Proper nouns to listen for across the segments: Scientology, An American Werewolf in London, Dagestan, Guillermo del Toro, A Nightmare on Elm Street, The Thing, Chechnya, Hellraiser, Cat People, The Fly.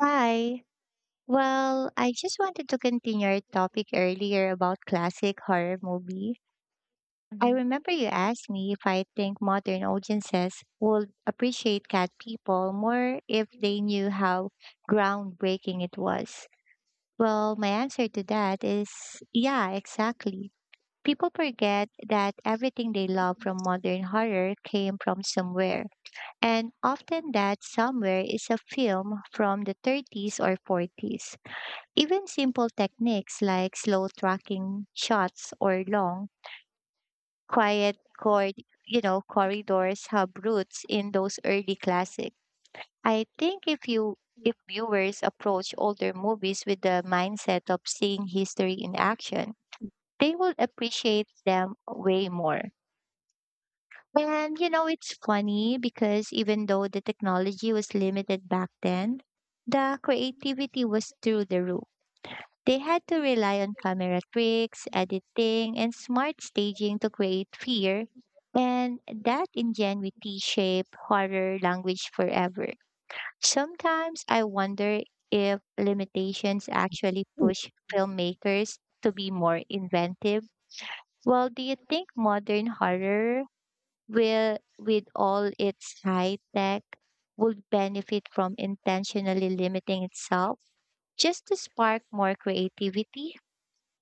Hi. Well, I just wanted to continue our topic earlier about classic horror movie. I Mhm. remember you asked me if I think modern audiences would appreciate Cat People more if they knew how groundbreaking it was. Well, my answer to that is yeah, exactly. People forget that everything they love from modern horror came from somewhere, and often that somewhere is a film from the 30s or 40s. Even simple techniques like slow tracking shots or long, quiet cord, corridors have roots in those early classics. I think if viewers approach older movies with the mindset of seeing history in action, they will appreciate them way more. And you know, it's funny because even though the technology was limited back then, the creativity was through the roof. They had to rely on camera tricks, editing, and smart staging to create fear, and that ingenuity shaped horror language forever. Sometimes I wonder if limitations actually Mm, push filmmakers to be more inventive. Well, do you think modern horror will, with all its high tech, would benefit from intentionally limiting itself just to spark more creativity?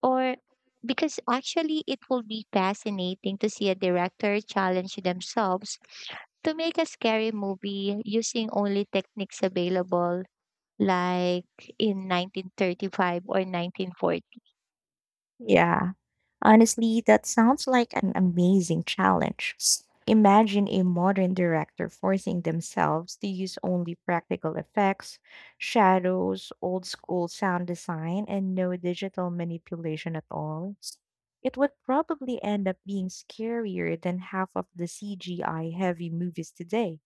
Or because actually it will be fascinating to see a director challenge themselves to make a scary movie using only techniques available like in 1935 or 1940? yeah, honestly, that sounds like an amazing challenge. Imagine a modern director forcing themselves to use only practical effects, shadows, old school sound design, and no digital manipulation at all. It would probably end up being scarier than half of the CGI heavy movies today.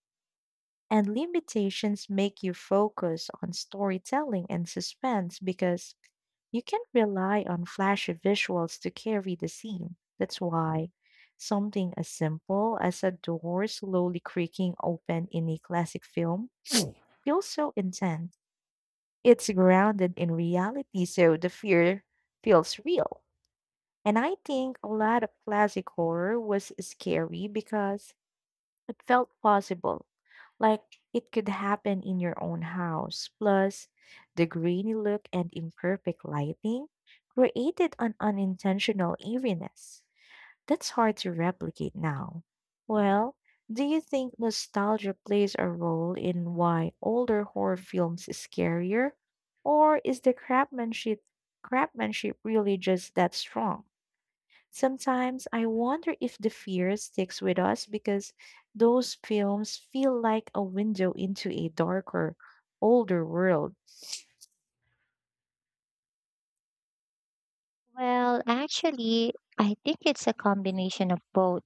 And limitations make you focus on storytelling and suspense because you can't rely on flashy visuals to carry the scene. That's why something as simple as a door slowly creaking open in a classic film feels so intense. It's grounded in reality, so the fear feels real. And I think a lot of classic horror was scary because it felt possible, like it could happen in your own house. Plus, the grainy look and imperfect lighting created an unintentional eeriness. That's hard to replicate now. Well, do you think nostalgia plays a role in why older horror films is scarier? Or is the craftsmanship really just that strong? Sometimes I wonder if the fear sticks with us because those films feel like a window into a darker, older world. Well, actually, I think it's a combination of both.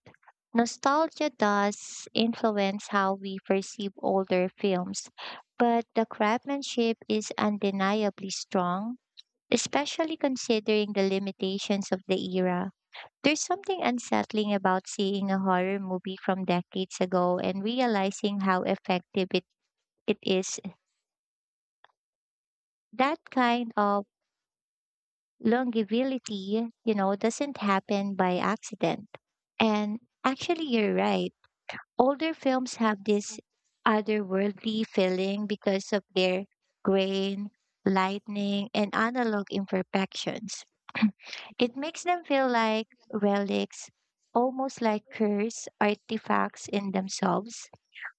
Nostalgia does influence how we perceive older films, but the craftsmanship is undeniably strong, especially considering the limitations of the era. There's something unsettling about seeing a horror movie from decades ago and realizing how effective it is. That kind of longevity, you know, doesn't happen by accident. And actually, you're right. Older films have this otherworldly feeling because of their grain, lightning, and analog imperfections. It makes them feel like relics, almost like cursed artifacts in themselves.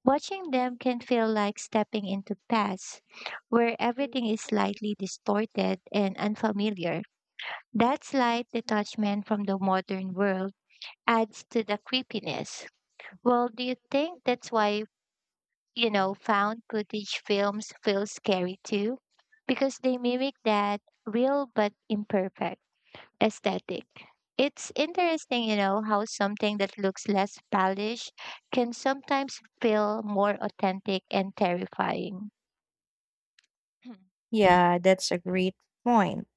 Watching them can feel like stepping into past, where everything is slightly distorted and unfamiliar. That slight detachment from the modern world adds to the creepiness. Well, do you think that's why, you know, found footage films feel scary too because they mimic that real but imperfect aesthetic? It's interesting, you know, how something that looks less polished can sometimes feel more authentic and terrifying. Yeah, that's a great point.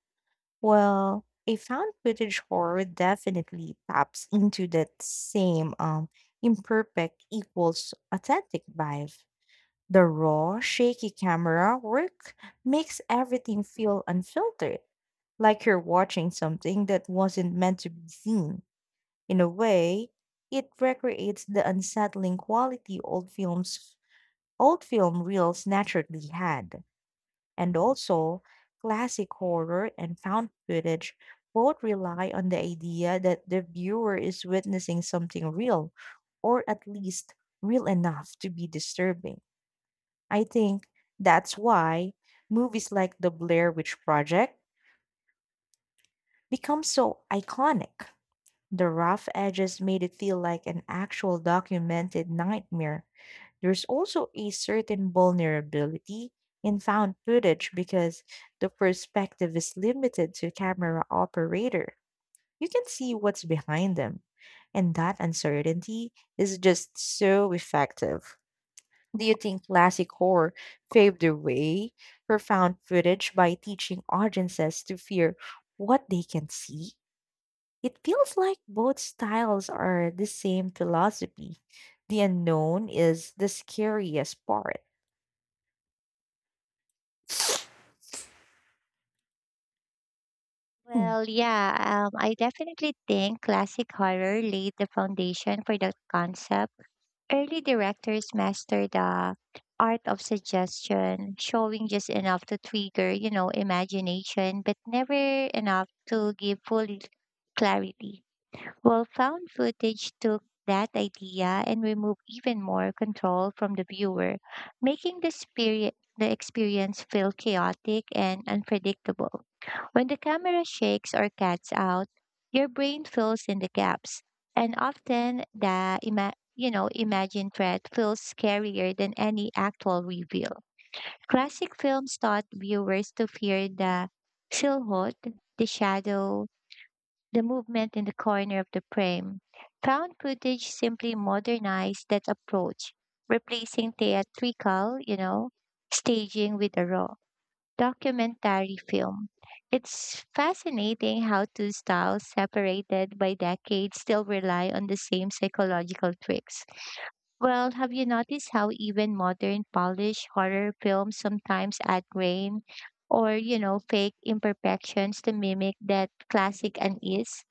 Well, a found footage horror definitely taps into that same imperfect equals authentic vibe. The raw, shaky camera work makes everything feel unfiltered, like you're watching something that wasn't meant to be seen. In a way, it recreates the unsettling quality old film reels naturally had. And also, classic horror and found footage both rely on the idea that the viewer is witnessing something real, or at least real enough to be disturbing. I think that's why movies like The Blair Witch Project become so iconic. The rough edges made it feel like an actual documented nightmare. There's also a certain vulnerability in found footage because the perspective is limited to camera operator. You can see what's behind them. And that uncertainty is just so effective. Do you think classic horror paved the way for found footage by teaching audiences to fear what they can see? It feels like both styles are the same philosophy. The unknown is the scariest part. Hmm. Well, yeah, I definitely think classic horror laid the foundation for that concept. Early directors mastered the art of suggestion, showing just enough to trigger, you know, imagination, but never enough to give full clarity. Well, found footage took that idea and removed even more control from the viewer, making the, spirit, the experience feel chaotic and unpredictable. When the camera shakes or cuts out, your brain fills in the gaps, and often you know, imagined threat feels scarier than any actual reveal. Classic films taught viewers to fear the silhouette, the shadow, the movement in the corner of the frame. Found footage simply modernized that approach, replacing theatrical, you know, staging with a raw documentary film. It's fascinating how two styles separated by decades still rely on the same psychological tricks. Well, have you noticed how even modern polished horror films sometimes add grain or, you know, fake imperfections to mimic that classic unease?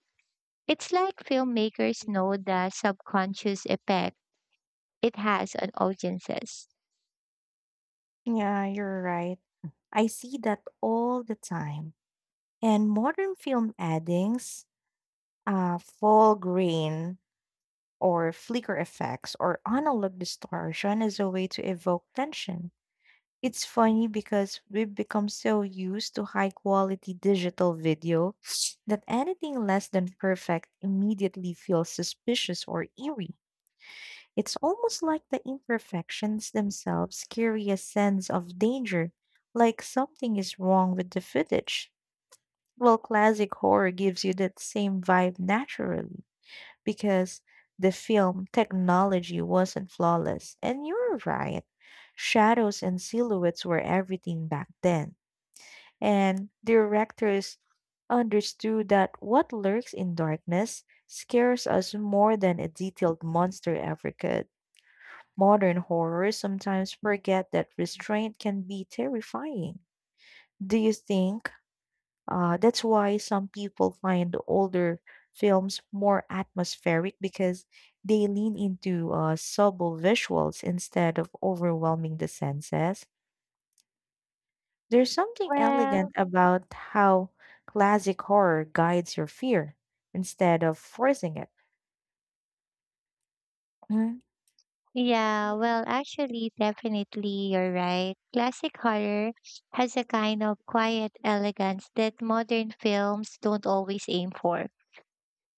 It's like filmmakers know the subconscious effect it has on audiences. Yeah, you're right. I see that all the time. And modern film addings, full grain or flicker effects or analog distortion is a way to evoke tension. It's funny because we've become so used to high quality digital video that anything less than perfect immediately feels suspicious or eerie. It's almost like the imperfections themselves carry a sense of danger, like something is wrong with the footage. Well, classic horror gives you that same vibe naturally because the film technology wasn't flawless. And you're right, shadows and silhouettes were everything back then. And directors understood that what lurks in darkness scares us more than a detailed monster ever could. Modern horror sometimes forget that restraint can be terrifying. Do you think? That's why some people find older films more atmospheric because they lean into subtle visuals instead of overwhelming the senses. There's something elegant Well, about how classic horror guides your fear instead of forcing it. Mm. yeah, well, actually, definitely, you're right. Classic horror has a kind of quiet elegance that modern films don't always aim for.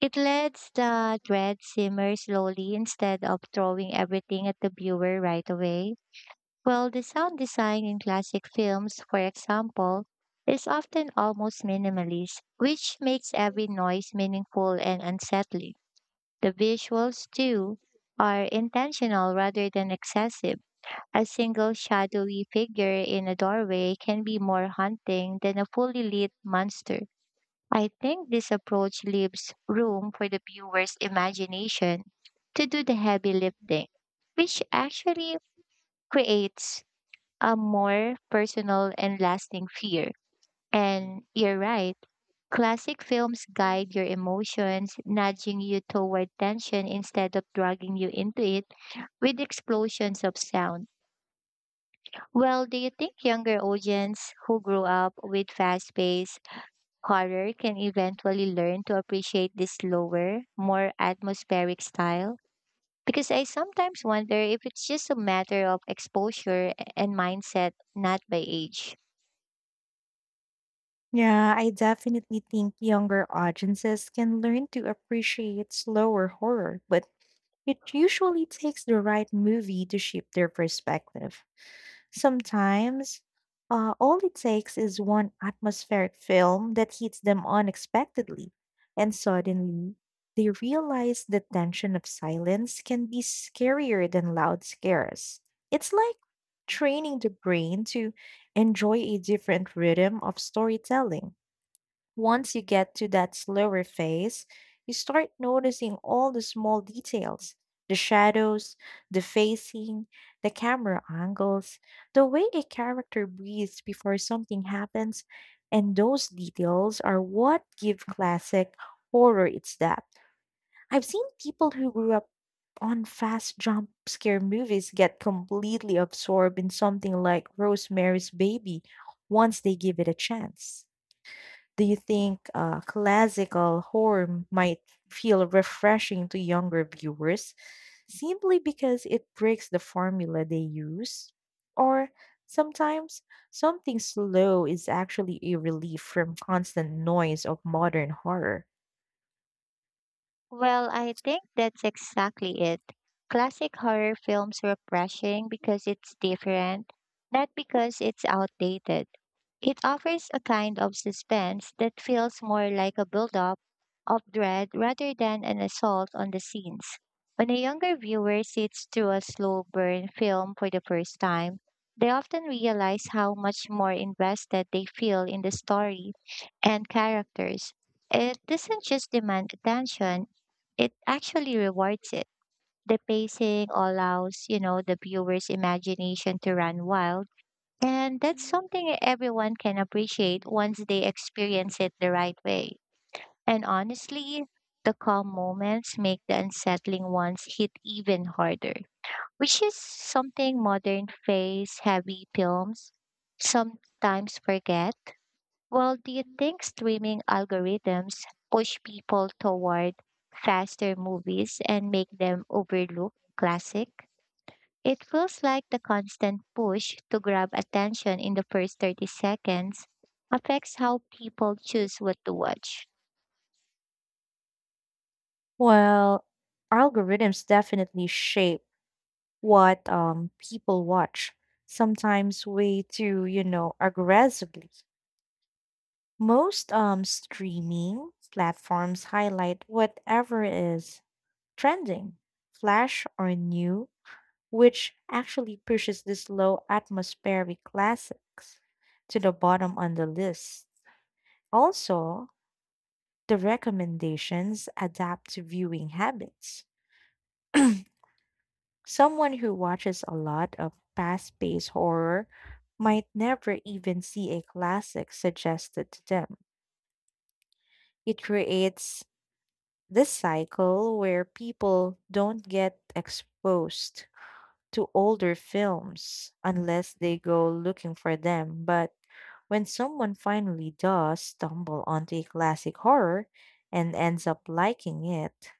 It lets the dread simmer slowly instead of throwing everything at the viewer right away. Well, the sound design in classic films, for example, is often almost minimalist, which makes every noise meaningful and unsettling. The visuals, too, are intentional rather than excessive. A single shadowy figure in a doorway can be more haunting than a fully lit monster. I think this approach leaves room for the viewer's imagination to do the heavy lifting, which actually creates a more personal and lasting fear. And you're right, classic films guide your emotions, nudging you toward tension instead of dragging you into it with explosions of sound. Well, do you think younger audience who grew up with fast paced horror can eventually learn to appreciate this slower, more atmospheric style? Because I sometimes wonder if it's just a matter of exposure and mindset, not by age. Yeah, I definitely think younger audiences can learn to appreciate slower horror, but it usually takes the right movie to shape their perspective. Sometimes, all it takes is one atmospheric film that hits them unexpectedly, and suddenly they realize the tension of silence can be scarier than loud scares. It's like training the brain to enjoy a different rhythm of storytelling. Once you get to that slower phase, you start noticing all the small details: the shadows, the facing, the camera angles, the way a character breathes before something happens. And those details are what give classic horror its depth. I've seen people who grew up on fast jump scare movies get completely absorbed in something like Rosemary's Baby once they give it a chance. Do you think classical horror might feel refreshing to younger viewers simply because it breaks the formula they use? Or sometimes something slow is actually a relief from constant noise of modern horror. Well, I think that's exactly it. Classic horror films are refreshing because it's different, not because it's outdated. It offers a kind of suspense that feels more like a build-up of dread rather than an assault on the scenes. When a younger viewer sits through a slow burn film for the first time, they often realize how much more invested they feel in the story and characters. It doesn't just demand attention, it actually rewards it. The pacing allows, you know, the viewer's imagination to run wild, and that's something everyone can appreciate once they experience it the right way. And honestly, the calm moments make the unsettling ones hit even harder, which is something modern face heavy films sometimes forget. Well, do you think streaming algorithms push people toward faster movies and make them overlook classic? It feels like the constant push to grab attention in the first 30 seconds affects how people choose what to watch. Well, algorithms definitely shape what people watch, sometimes way too aggressively. Most streaming platforms highlight whatever is trending, flash or new, which actually pushes these low atmospheric classics to the bottom on the list. Also, the recommendations adapt to viewing habits. Someone who watches a lot of fast paced horror might never even see a classic suggested to them. It creates this cycle where people don't get exposed to older films unless they go looking for them. But when someone finally does stumble onto a classic horror and ends up liking it,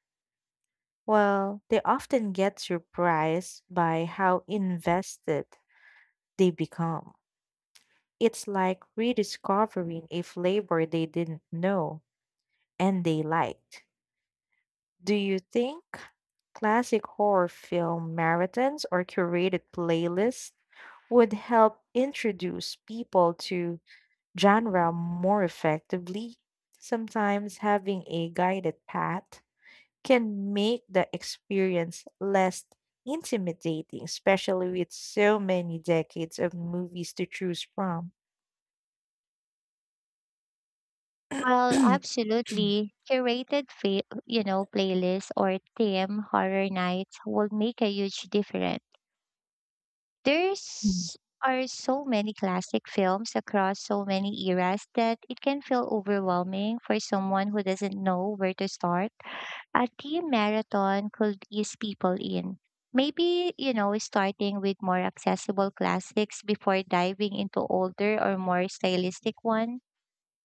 well, they often get surprised by how invested they become. It's like rediscovering a flavor they didn't know and they liked. Do you think classic horror film marathons or curated playlists would help introduce people to genre more effectively? Sometimes having a guided path can make the experience less intimidating, especially with so many decades of movies to choose from. Well, absolutely. You know, playlists or theme horror nights will make a huge difference. There's are so many classic films across so many eras that it can feel overwhelming for someone who doesn't know where to start. A team marathon could ease people in. Maybe, you know, starting with more accessible classics before diving into older or more stylistic one.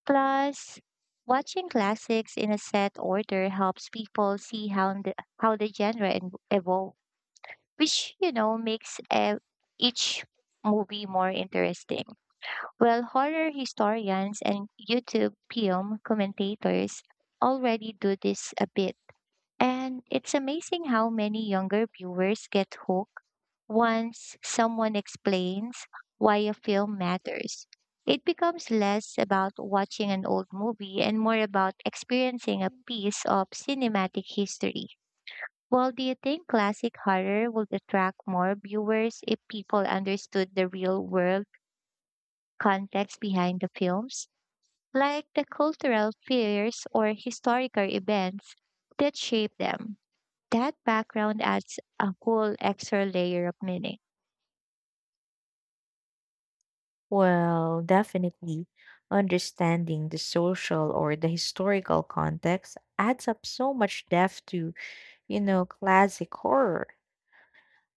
Plus, watching classics in a set order helps people see how the evolves, which, you know, makes each movie more interesting. Well, horror historians and YouTube film commentators already do this a bit, and it's amazing how many younger viewers get hooked once someone explains why a film matters. It becomes less about watching an old movie and more about experiencing a piece of cinematic history. Well, do you think classic horror would attract more viewers if people understood the real world context behind the films, like the cultural fears or historical events that shape them? That background adds a whole extra layer of meaning. Well, definitely. Understanding the social or the historical context adds up so much depth to classic horror.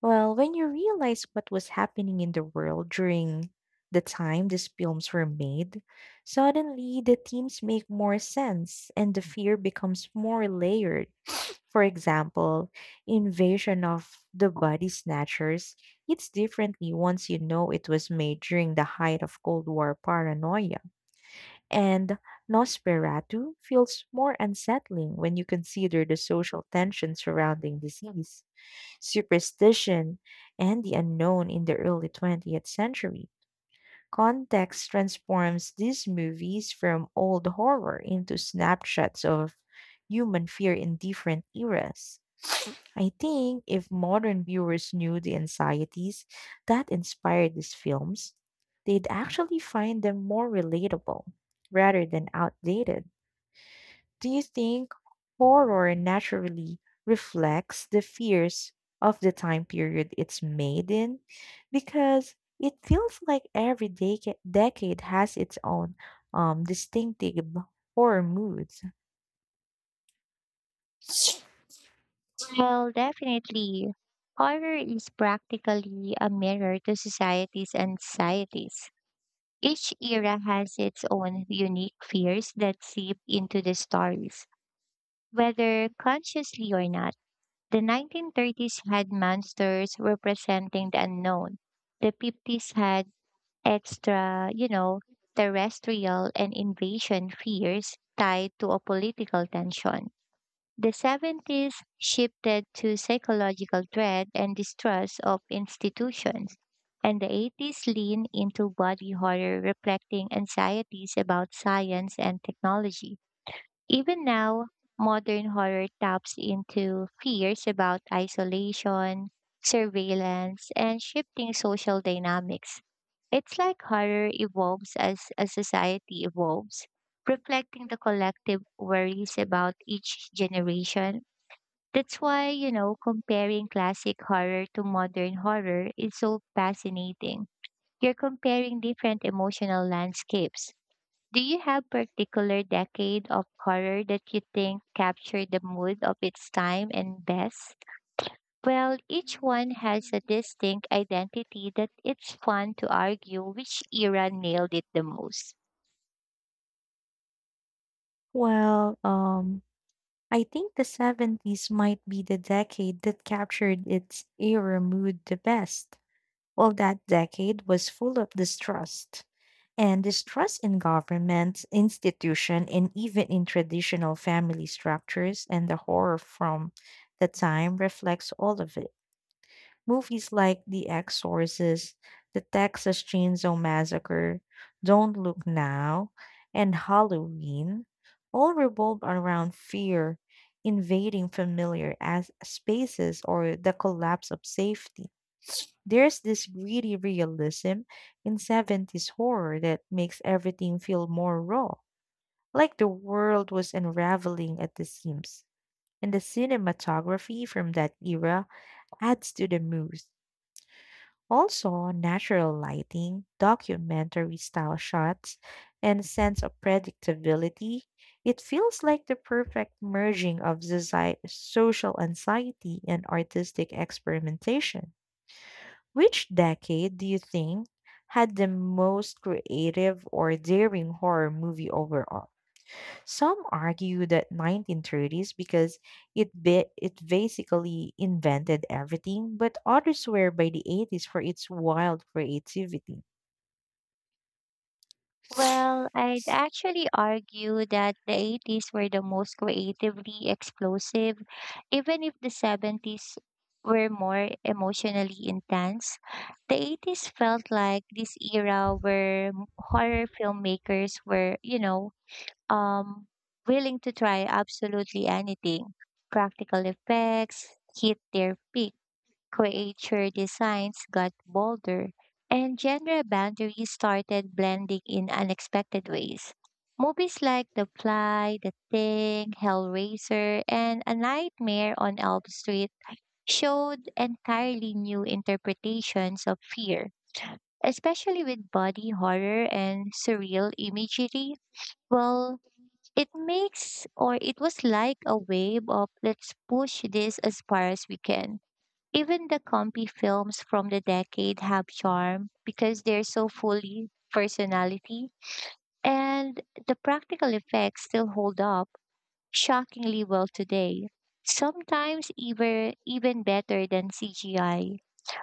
Well, when you realize what was happening in the world during the time these films were made, suddenly the themes make more sense and the fear becomes more layered. For example, invasion of the body snatchers hits differently once you know it was made during the height of Cold War paranoia. And Nosferatu feels more unsettling when you consider the social tension surrounding disease superstition, and the unknown in the early 20th century. Context transforms these movies from old horror into snapshots of human fear in different eras. I think if modern viewers knew the anxieties that inspired these films, they'd actually find them more relatable rather than outdated. Do you think horror naturally reflects the fears of the time period it's made in? Because it feels like every decade has its own distinctive horror moods. Well, definitely, horror is practically a mirror to societies and societies. Each era has its own unique fears that seep into the stories. Whether consciously or not, the 1930s had monsters representing the unknown. The 50s had you know, terrestrial and invasion fears tied to a political tension. The 70s shifted to psychological dread and distrust of institutions. And the 80s leaned into body horror, reflecting anxieties about science and technology. Even now, modern horror taps into fears about isolation, surveillance, and shifting social dynamics. It's like horror evolves as a society evolves, reflecting the collective worries about each generation. That's why, you know, comparing classic horror to modern horror is so fascinating. You're comparing different emotional landscapes. Do you have particular decade of horror that you think captured the mood of its time and best? Well, each one has a distinct identity that it's fun to argue which era nailed it the most. Well, I think the 70s might be the decade that captured its era mood the best. Well, that decade was full of distrust, and distrust in government institution and even in traditional family structures and the horror from the time reflects all of it movies like the exorcist the texas chainsaw massacre don't look now and halloween all revolve around fear invading familiar as spaces or the collapse of safety there's this gritty realism in 70s horror that makes everything feel more raw, like the world was unraveling at the seams. And the cinematography from that era adds to the mood. Also, natural lighting, documentary style shots, and sense of predictability. It feels like the perfect merging of social anxiety and artistic experimentation. Which decade do you think had the most creative or daring horror movie overall? Some argue that 1930s because it it basically invented everything, but others swear by the 80s for its wild creativity. Well, I'd actually argue that the 80s were the most creatively explosive, even if the 70s were more emotionally intense. The 80s felt like this era where horror filmmakers were, you know, um, willing to try absolutely anything. Practical effects hit their peak. Creature designs got bolder, and genre boundaries started blending in unexpected ways. Movies like The Fly, The Thing, Hellraiser, and A Nightmare on Elm Street showed entirely new interpretations of fear, especially with body horror and surreal imagery. Well, it makes or it was like a wave of let's push this as far as we can. Even the comfy films from the decade have charm because they're so fully personality, and the practical effects still hold up shockingly well today. Sometimes even better than CGI.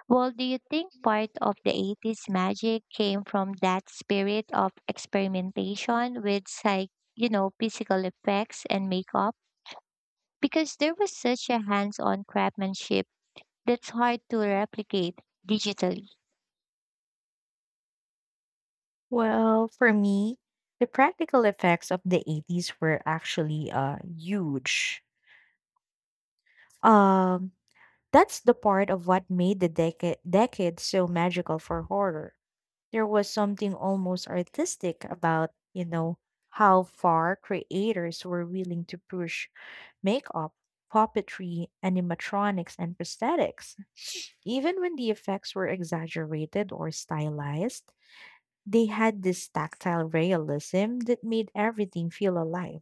Well, do you think part of the 80s magic came from that spirit of experimentation with you know, physical effects and makeup? Because there was such a hands-on craftsmanship that's hard to replicate digitally. For me, the practical effects of the 80s were actually huge. Um that's the part of what made the decade so magical for horror. There was something almost artistic about how far creators were willing to push makeup, puppetry, animatronics, and prosthetics. Even when the effects were exaggerated or stylized, they had this tactile realism that made everything feel alive.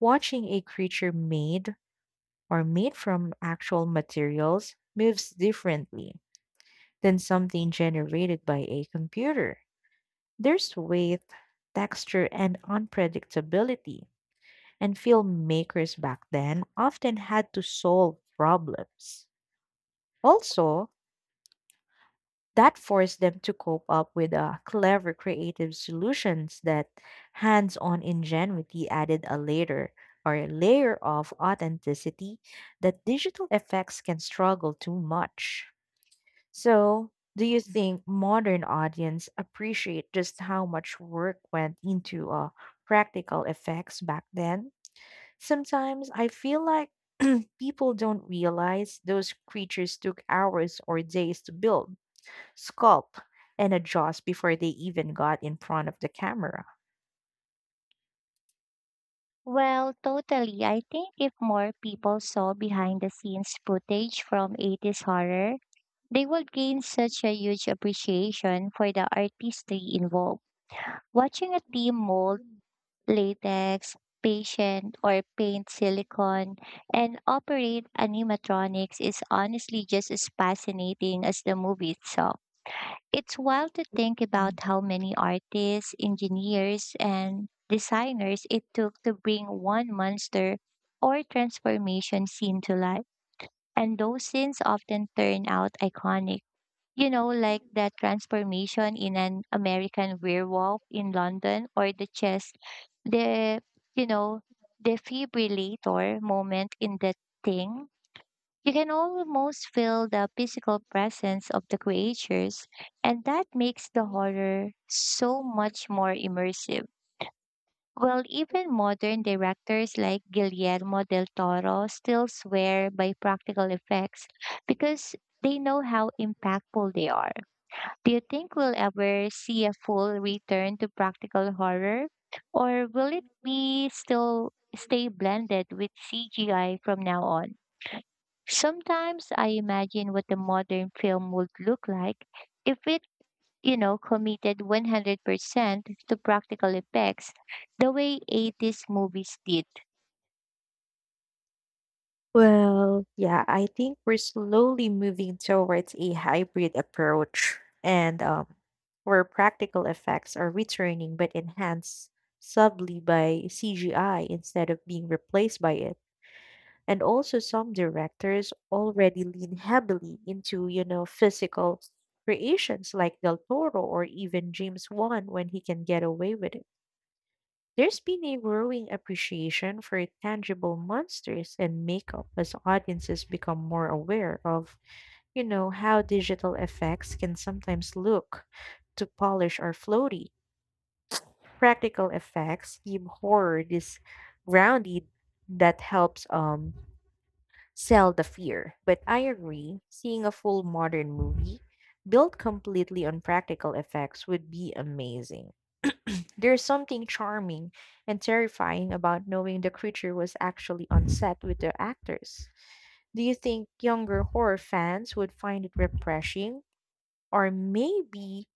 Watching a creature made from actual materials moves differently than something generated by a computer. There's weight, texture, and unpredictability, and filmmakers back then often had to solve problems. Also, that forced them to cope up with clever creative solutions that hands on ingenuity added a layer of authenticity that digital effects can struggle too much. So, do you think modern audience appreciate just how much work went into practical effects back then? Sometimes I feel like people don't realize those creatures took hours or days to build, sculpt, and adjust before they even got in front of the camera. Well, totally. I think if more people saw behind the scenes footage from 80s horror, they would gain such a huge appreciation for the artistry involved. Watching a team mold latex, patient, or paint silicone and operate animatronics is honestly just as fascinating as the movie itself. It's wild to think about how many artists, engineers, and designers it took to bring one monster or transformation scene to life. And those scenes often turn out iconic. You know, like that transformation in an American werewolf in London, or the, you know, defibrillator moment in the thing, you can almost feel the physical presence of the creatures, and that makes the horror so much more immersive. Well, even modern directors like Guillermo del Toro still swear by practical effects because they know how impactful they are. Do you think we'll ever see a full return to practical horror, or will it be still stay blended with CGI from now on? Sometimes I imagine what the modern film would look like if it, you know, committed 100% to practical effects the way 80s movies did. Well, yeah, I think we're slowly moving towards a hybrid approach, and where practical effects are returning but enhanced subtly by CGI instead of being replaced by it. And also, some directors already lean heavily into physical creations like Del Toro or even James Wan when he can get away with it. There's been a growing appreciation for tangible monsters and makeup as audiences become more aware of how digital effects can sometimes look to polish or floaty. Practical effects give horror this grounded that helps sell the fear. But I agree, seeing a full modern movie built completely on practical effects would be amazing. There's something charming and terrifying about knowing the creature was actually on set with the actors. Do you think younger horror fans would find it refreshing or maybe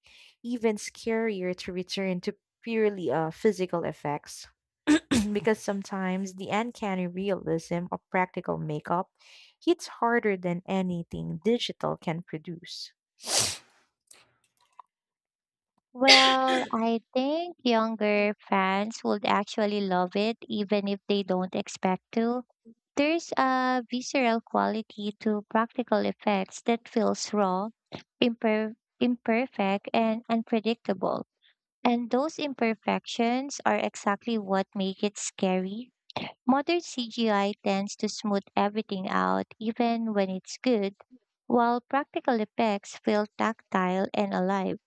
even scarier to return to purely physical effects? Because sometimes the uncanny realism of practical makeup hits harder than anything digital can produce. Well, I think younger fans would actually love it even if they don't expect to. There's a visceral quality to practical effects that feels raw, imper- imperfect, and unpredictable. And those imperfections are exactly what make it scary. Modern CGI tends to smooth everything out, even when it's good, while practical effects feel tactile and alive.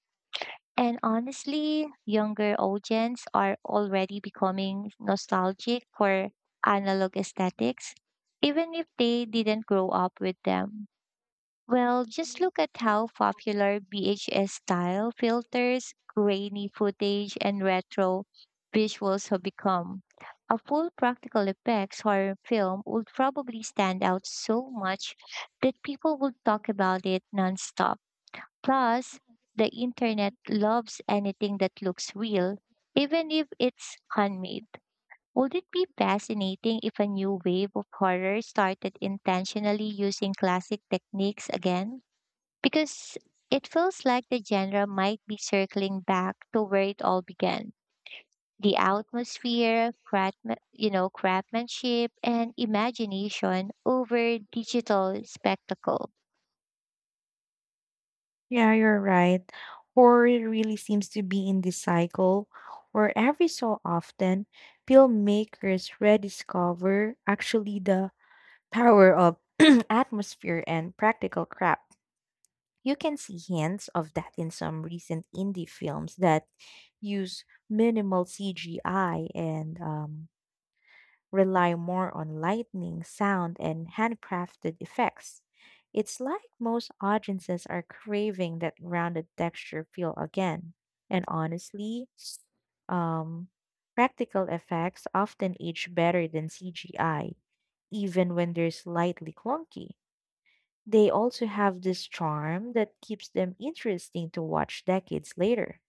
And honestly, younger audiences are already becoming nostalgic for analog aesthetics, even if they didn't grow up with them. Well, just look at how popular VHS style filters, grainy footage, and retro visuals have become. A full practical effects horror film would probably stand out so much that people would talk about it nonstop. Plus, the internet loves anything that looks real, even if it's handmade. Would it be fascinating if a new wave of horror started intentionally using classic techniques again? Because it feels like the genre might be circling back to where it all began. The atmosphere, you know, craftsmanship, and imagination over digital spectacle. Yeah, you're right. Horror really seems to be in this cycle where every so often filmmakers rediscover actually the power of atmosphere and practical crap. You can see hints of that in some recent indie films that use minimal CGI and rely more on lightning sound, and handcrafted effects. It's like most audiences are craving that grounded texture feel again. And honestly, um, practical effects often age better than CGI, even when they're slightly clunky. They also have this charm that keeps them interesting to watch decades later.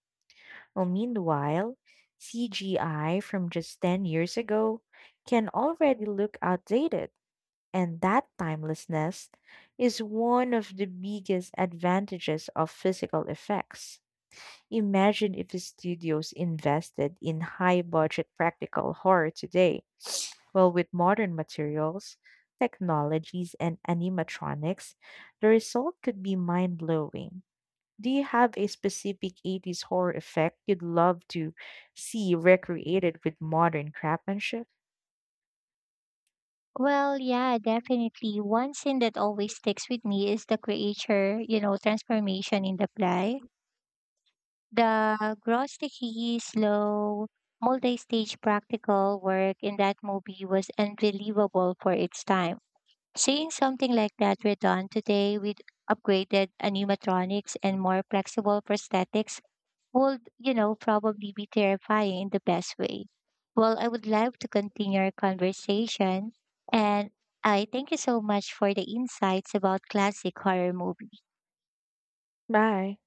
Well, meanwhile, CGI from just 10 years ago can already look outdated, and that timelessness is one of the biggest advantages of physical effects. Imagine if the studios invested in high budget practical horror today. Well, with modern materials, technologies, and animatronics, the result could be mind blowing. Do you have a specific 80s horror effect you'd love to see recreated with modern craftsmanship? Well, yeah, definitely. One scene that always sticks with me is the creature, you know, transformation in the play. The grosticky, slow, multi-stage practical work in that movie was unbelievable for its time. Seeing something like that we're done today with upgraded animatronics and more flexible prosthetics would, you know, probably be terrifying in the best way. Well, I would love to continue our conversation, and I thank you so much for the insights about classic horror movies. Bye.